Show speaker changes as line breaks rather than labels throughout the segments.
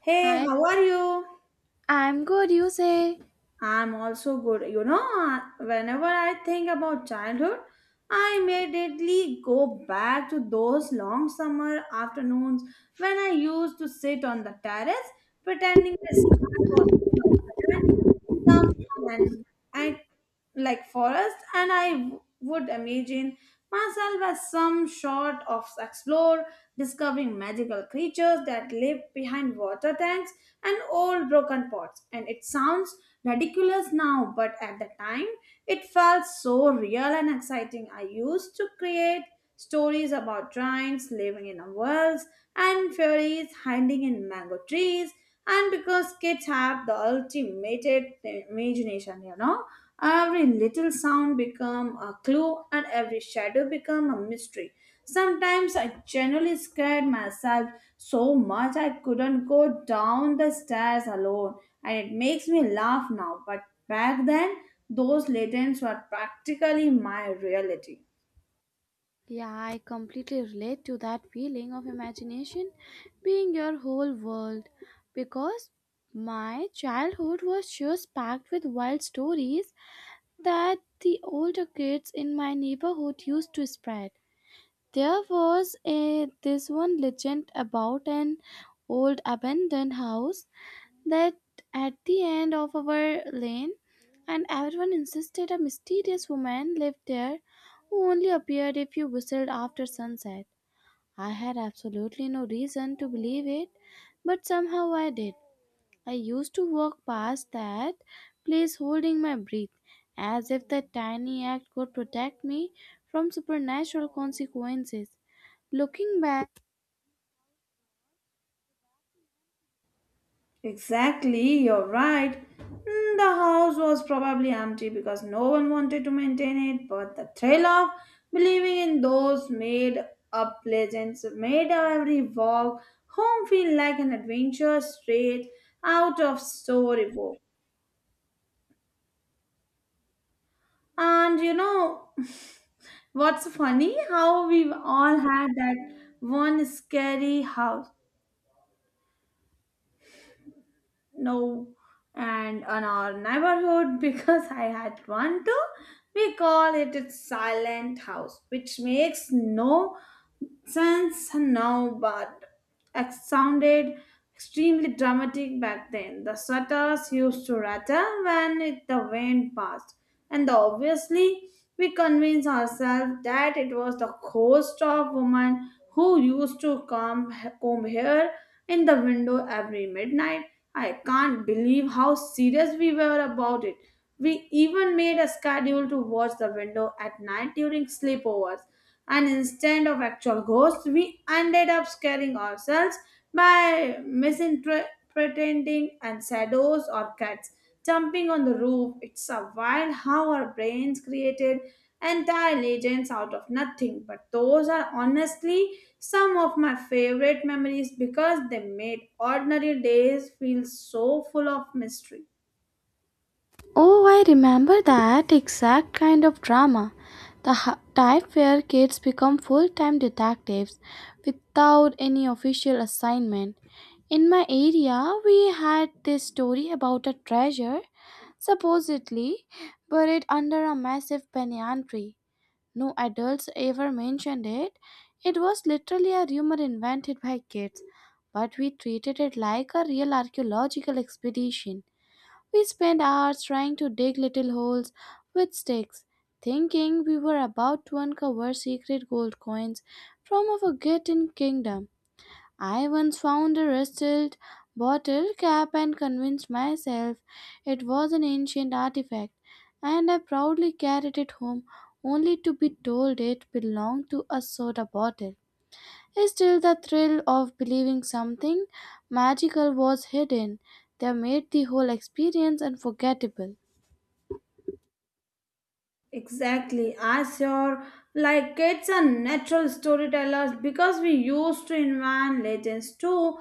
Hey,
Hi,
how are you?
I'm good, you say.
I'm also good. Whenever I think about childhood, I immediately go back to those long summer afternoons when I used to sit on the terrace pretending the sky was full of heaven, and I like forest and would imagine myself as some sort of explorer discovering magical creatures that live behind water tanks and old broken pots. And it sounds ridiculous now, but at the time it felt so real and exciting. I used to create stories about giants living in wells and fairies hiding in mango trees. And because kids have the ultimate imagination, every little sound become a clue and every shadow become a mystery. Sometimes I genuinely scared myself so much I couldn't go down the stairs alone, and it makes me laugh now, but back then those legends were practically my reality.
Yeah, I completely relate to that feeling of imagination being your whole world because my childhood was just packed with wild stories that the older kids in my neighborhood used to spread. There was a this one legend about an old abandoned house that at the end of our lane, and everyone insisted a mysterious woman lived there who only appeared if you whistled after sunset. I had absolutely no reason to believe it, but somehow I did. I used to walk past that place holding my breath, as if that tiny act could protect me from supernatural consequences. Looking back,
Exactly, you're right. The house was probably empty because no one wanted to maintain it, but the thrill of believing in those made up legends made every walk home feel like an adventure straight out of storybook. And what's funny? How we all had that one scary house, no, and on our neighborhood. Because I had one too. We call it a silent house, which makes no sense now, but it sounded extremely dramatic back then. The shutters used to rattle when the wind passed, and obviously we convinced ourselves that it was the ghost of woman who used to come comb hair in the window every midnight. I can't believe how serious we were about it. We even made a schedule to watch the window at night during sleepovers. And instead of actual ghosts, we ended up scaring ourselves by misinterpreting and shadows or cats jumping on the roof. It's a wild how our brains created entire legends out of nothing. But those are honestly some of my favorite memories because they made ordinary days feel so full of mystery.
oh, I remember that exact kind of drama. The type where kids become full time detectives without any official assignment. In my area, we had this story about a treasure, supposedly buried under a massive banyan tree. No adults ever mentioned it. It was literally a rumor invented by kids, but we treated it like a real archaeological expedition. We spent hours trying to dig little holes with sticks, thinking we were about to uncover secret gold coins from a forgotten kingdom. I once found a rusted bottle cap and convinced myself it was an ancient artifact, and I proudly carried it home only to be told it belonged to a soda bottle. Still, the thrill of believing something magical was hidden, they made the whole experience unforgettable.
Exactly. As your like kids are natural storytellers, because we used to invent legends too.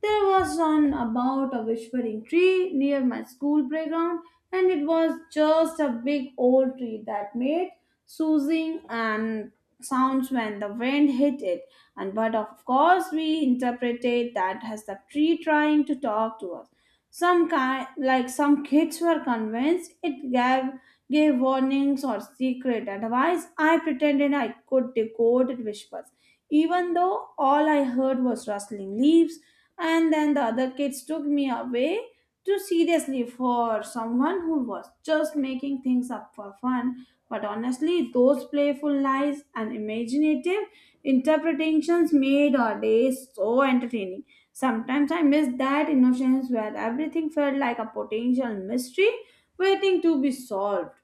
There was one about a whispering tree near my school playground, and it was just a big old tree that made soothing and sounds when the wind hit it. And but of course we interpreted that as the tree trying to talk to us. Some kind like some kids were convinced it gave warnings or secret advice. I pretended I could decode whispers, even though all I heard was rustling leaves. And then the other kids took me away too seriously for someone who was just making things up for fun. But honestly, those playful lies and imaginative interpretations made our days so entertaining. Sometimes I miss that innocence where everything felt like a potential mystery waiting to be solved.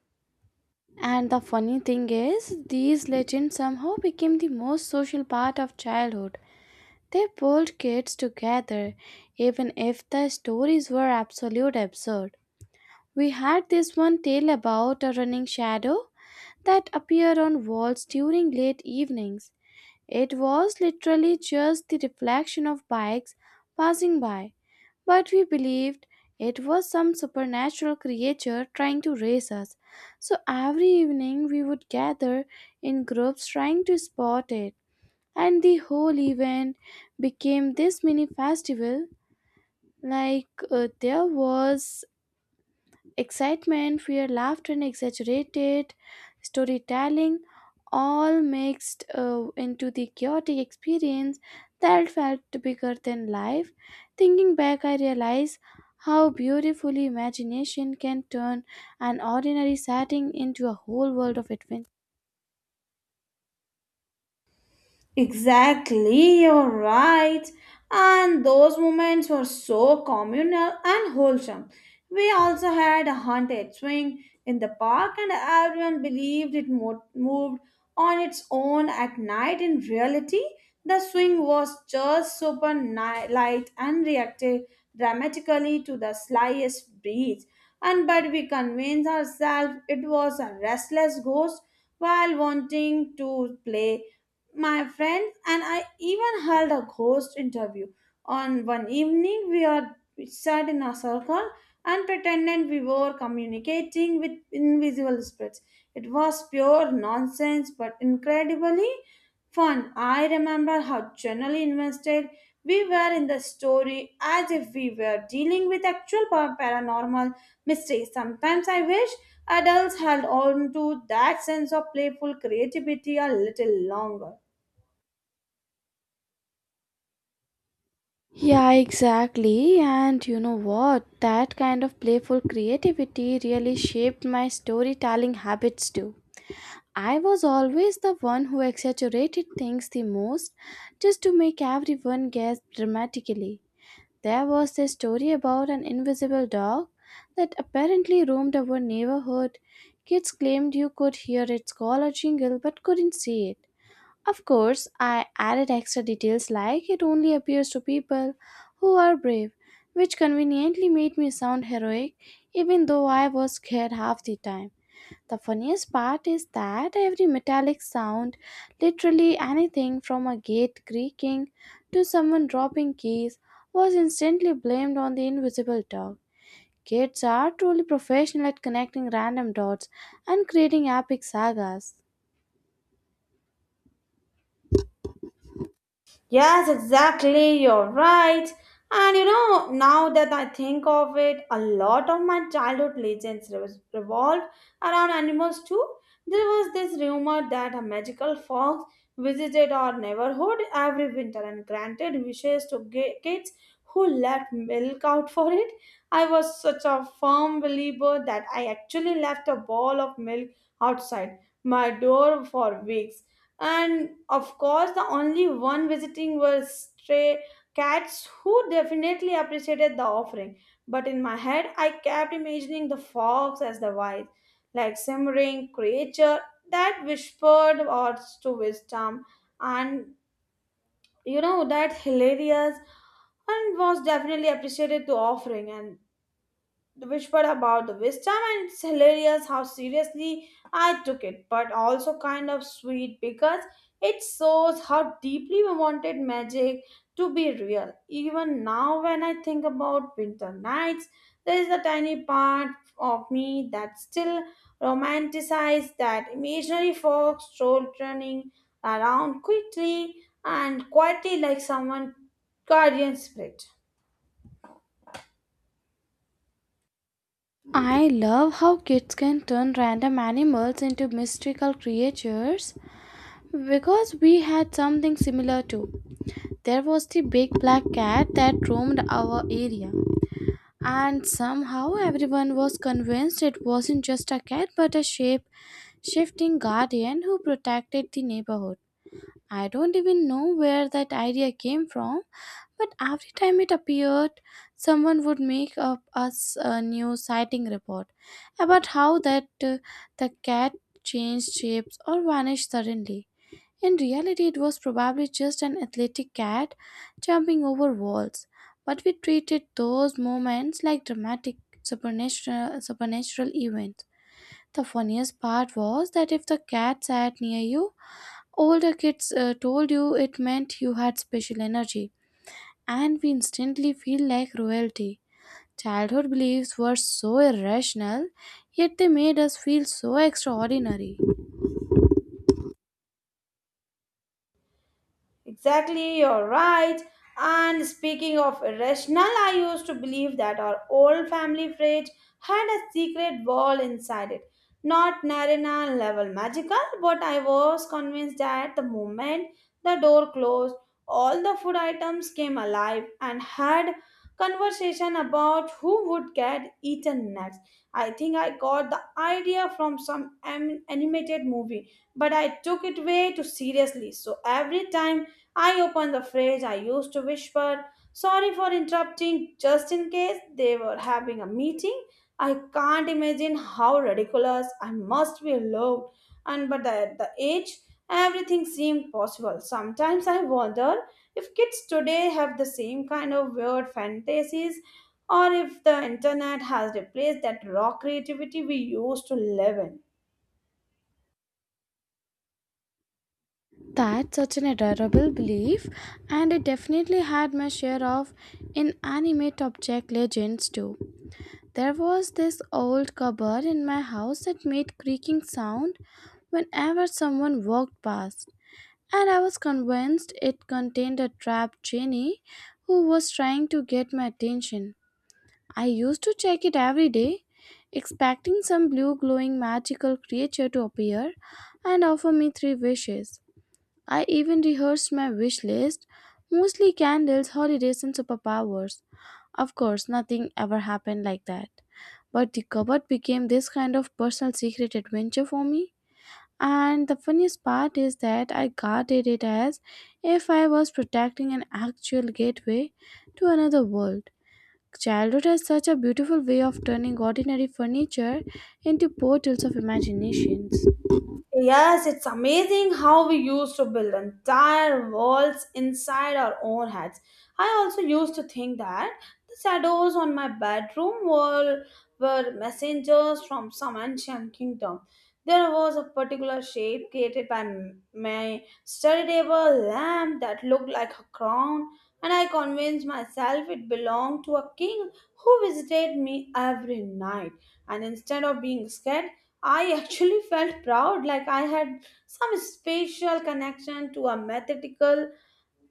And the funny thing is, these legends somehow became the most social part of childhood. They pulled kids together, even if the stories were absolute absurd. We had this one tale about a running shadow that appeared on walls during late evenings. It was literally just the reflection of bikes passing by, but we believed it was some supernatural creature trying to race us. So every evening we would gather in groups trying to spot it. And the whole event became this mini festival. There was excitement, fear, laughter, and exaggerated storytelling all mixed into the chaotic experience that felt bigger than life. Thinking back, I realize how beautifully imagination can turn an ordinary setting into a whole world of adventure.
Exactly, you're right. And those moments were so communal and wholesome. We also had a haunted swing in the park, and everyone believed it moved on its own at night. In reality, the swing was just super light and reacted dramatically to the slightest breeze. And but we convinced ourselves it was a restless ghost while wanting to play. My friends and I even held a ghost interview. On one evening, we sat in a circle and pretended we were communicating with invisible spirits. It was pure nonsense, but incredibly fun. I remember how genuinely invested we were in the story, as if we were dealing with actual paranormal mysteries. Sometimes I wish adults held on to that sense of playful creativity a little longer.
Yeah, exactly. And you know what? That kind of playful creativity really shaped my storytelling habits too. I was always the one who exaggerated things the most just to make everyone guess dramatically. There was a story about an invisible dog that apparently roamed our neighborhood. Kids claimed you could hear its collar jingle but couldn't see it. Of course, I added extra details, like it only appears to people who are brave, which conveniently made me sound heroic even though I was scared half the time. The funniest part is that every metallic sound, literally anything from a gate creaking to someone dropping keys, was instantly blamed on the invisible dog. Kids are truly professional at connecting random dots and creating epic sagas.
Yes, exactly. You're right. And now that I think of it, a lot of my childhood legends revolved around animals too. There was this rumor that a magical fox visited our neighborhood every winter and granted wishes to kids who left milk out for it. I was such a firm believer that I actually left a bowl of milk outside my door for weeks, and of course the only one visiting were stray cats, who definitely appreciated the offering. But in my head I kept imagining the fox as the wise, like simmering creature that whispered words to wisdom. And that hilarious, and was definitely appreciated the offering, and which were about the wisdom. And it's hilarious how seriously I took it, but also kind of sweet, because it shows how deeply we wanted magic to be real. Even now, when I think about winter nights, there is a tiny part of me that still romanticizes that imaginary fox stroll, running around quickly and quietly like someone guardian spirit.
I love how kids can turn random animals into mystical creatures, because we had something similar too. There was the big black cat that roamed our area. And somehow everyone was convinced it wasn't just a cat but a shape shifting guardian who protected the neighborhood. I don't even know where that idea came from, but every time it appeared, someone would make up us a new sighting report about how that the cat changed shapes or vanished suddenly. In reality, it was probably just an athletic cat jumping over walls, but we treated those moments like dramatic supernatural events. The funniest part was that if the cat sat near you, older kids told you it meant you had special energy, and we instantly feel like royalty. Childhood beliefs were so irrational, yet they made us feel so extraordinary.
Exactly, you're right. And speaking of irrational, I used to believe that our old family fridge had a secret wall inside it. Not Narina level magical, but I was convinced that the moment the door closed, all the food items came alive and had conversation about who would get eaten next. I think I got the idea from some animated movie, but I took it way too seriously. So every time I opened the fridge, I used to whisper, "Sorry for interrupting," just in case they were having a meeting. I can't imagine how ridiculous I must be looked. And but at the age, everything seemed possible. Sometimes I wonder if kids today have the same kind of weird fantasies, or if the internet has replaced that raw creativity we used to live in.
That's such an adorable belief, and it definitely had my share of inanimate object legends too. There was this old cupboard in my house that made creaking sound whenever someone walked past, and I was convinced it contained a trapped genie who was trying to get my attention. I used to check it every day, expecting some blue glowing magical creature to appear and offer me three wishes. I even rehearsed my wish list, mostly candles, holidays, and superpowers. Of course, nothing ever happened like that. But the cupboard became this kind of personal secret adventure for me. And the funniest part is that I guarded it as if I was protecting an actual gateway to another world. Childhood has such a beautiful way of turning ordinary furniture into portals of imaginations.
Yes, it's amazing how we used to build entire worlds inside our own heads. I also used to think that the shadows on my bedroom wall were messengers from some ancient kingdom. There was a particular shape created by my study table lamp that looked like a crown, and I convinced myself it belonged to a king who visited me every night. And instead of being scared, I actually felt proud, like I had some special connection to a mathematical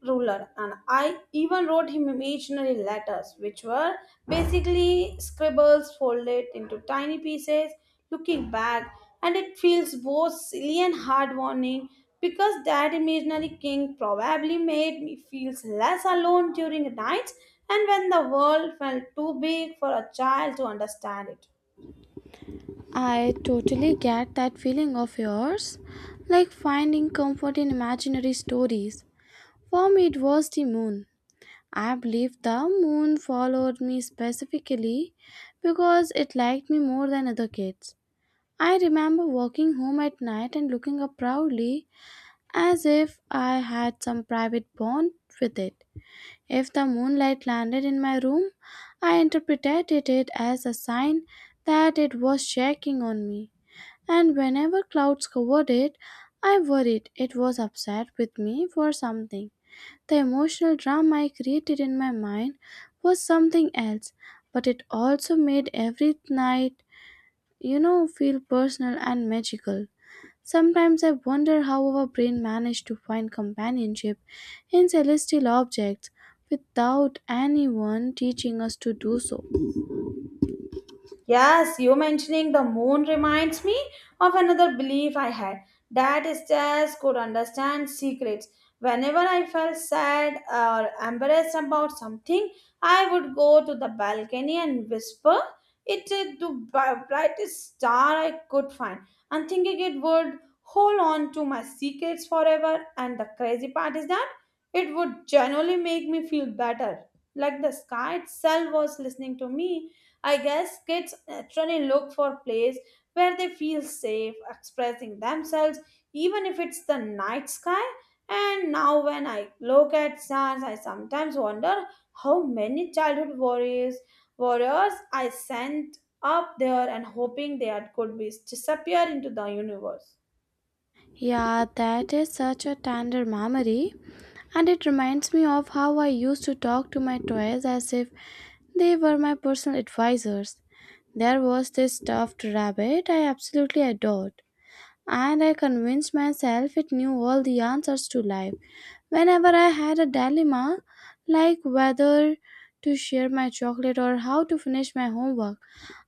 ruler, and I even wrote him imaginary letters, which were basically scribbles folded into tiny pieces. Looking back, and it feels both silly and heartwarming because that imaginary king probably made me feel less alone during nights and when the world felt too big for a child to understand it.
I totally get that feeling of yours, like finding comfort in imaginary stories. For me, it was the moon. I believe the moon followed me specifically because it liked me more than other kids. I remember walking home at night and looking up proudly as if I had some private bond with it. If the moonlight landed in my room, I interpreted it as a sign that it was checking on me, and whenever clouds covered it, I worried it was upset with me for something. The emotional drama I created in my mind was something else, but it also made every night, you know, feel personal and magical. Sometimes I wonder how our brain managed to find companionship in celestial objects without anyone teaching us to do so.
Yes, you mentioning the moon reminds me of another belief I had, that stars could understand secrets. Whenever I felt sad or embarrassed about something, I would go to the balcony and whisper it to the brightest star I could find, and thinking it would hold on to my secrets forever. And the crazy part is that it would genuinely make me feel better, like the sky itself was listening to me. I guess kids naturally look for places where they feel safe expressing themselves, even if it's the night sky. And now, when I look at stars, I sometimes wonder how many warriors I sent up there, and hoping they could be disappear into the universe.
Yeah, that is such a tender memory. And it reminds me of how I used to talk to my toys as if they were my personal advisors. There was this stuffed rabbit I absolutely adored, and I convinced myself it knew all the answers to life. Whenever I had a dilemma, like whether to share my chocolate or how to finish my homework,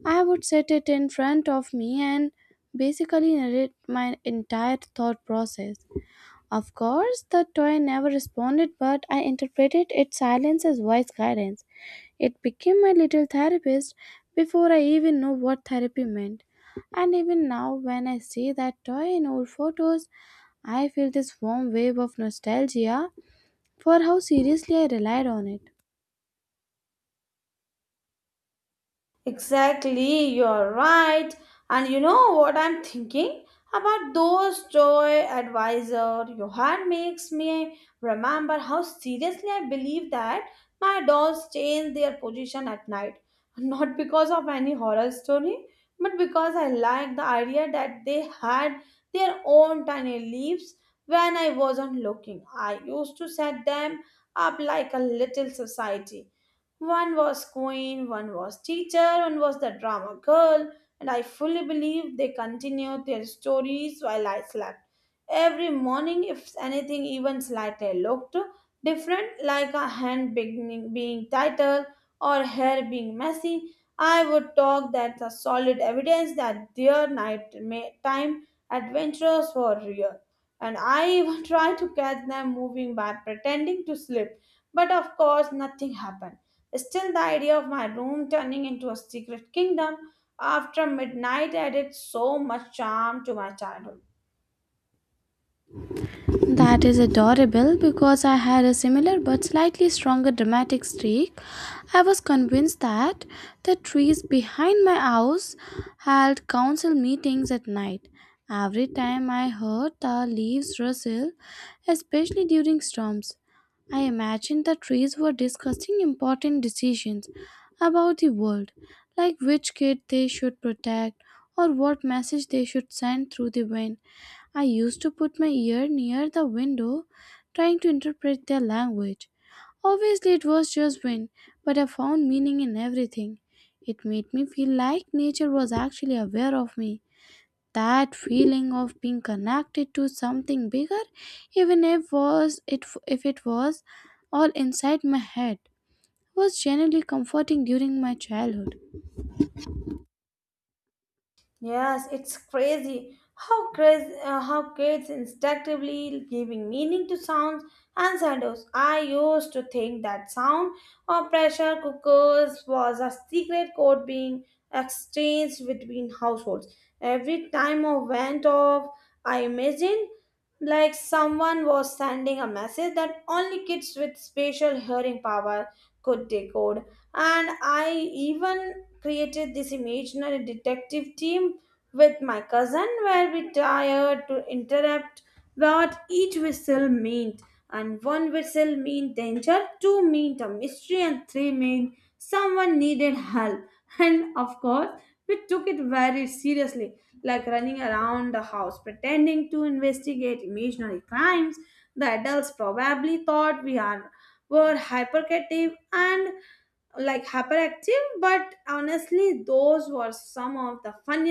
I would set it in front of me and basically narrate my entire thought process. Of course, the toy never responded, but I interpreted its silence as wise guidance. It became my little therapist before I even knew what therapy meant. And even now, when I see that toy in old photos, I feel this warm wave of nostalgia for how seriously I relied on it.
Exactly, you're right. And you know what I'm thinking about those joy advisor. Your hand makes me remember how seriously I believe that my dolls change their position at night. Not because of any horror story, but because I liked the idea that they had their own tiny leaves when I wasn't looking. I used to set them up like a little society. One was queen, one was teacher, one was the drama girl, and I fully believe they continued their stories while I slept. Every morning, if anything even slightly looked different, like a being tighter or hair being messy, I would talk that the solid evidence that their nighttime adventures were real. And I even tried to catch them moving by pretending to sleep, but of course, nothing happened. Still, the idea of my room turning into a secret kingdom after midnight added so much charm to my childhood.
That is adorable, because I had a similar but slightly stronger dramatic streak. I was convinced that the trees behind my house held council meetings at night. Every time I heard the leaves rustle, especially during storms, I imagined the trees were discussing important decisions about the world, like which kid they should protect or what message they should send through the wind. I used to put my ear near the window trying to interpret their language. Obviously, it was just wind, but I found meaning in everything. It made me feel like nature was actually aware of me. That feeling of being connected to something bigger, even if was it if it was all inside my head, was genuinely comforting during my childhood.
Yes, it's crazy how kids instinctively giving meaning to sounds and shadows. I used to think that sound or pressure cookers was a secret code being exchanged between households. Every time a went off, I imagined like someone was sending a message that only kids with special hearing power could decode. And I even created this imaginary detective team with my cousin, where we tried to interrupt what each whistle meant. And one whistle meant danger, two meant a mystery, and three meant someone needed help. And of course we took it very seriously, like running around the house pretending to investigate imaginary crimes. The adults probably thought we are were hyperactive and hyperactive, but honestly those were some of the funniest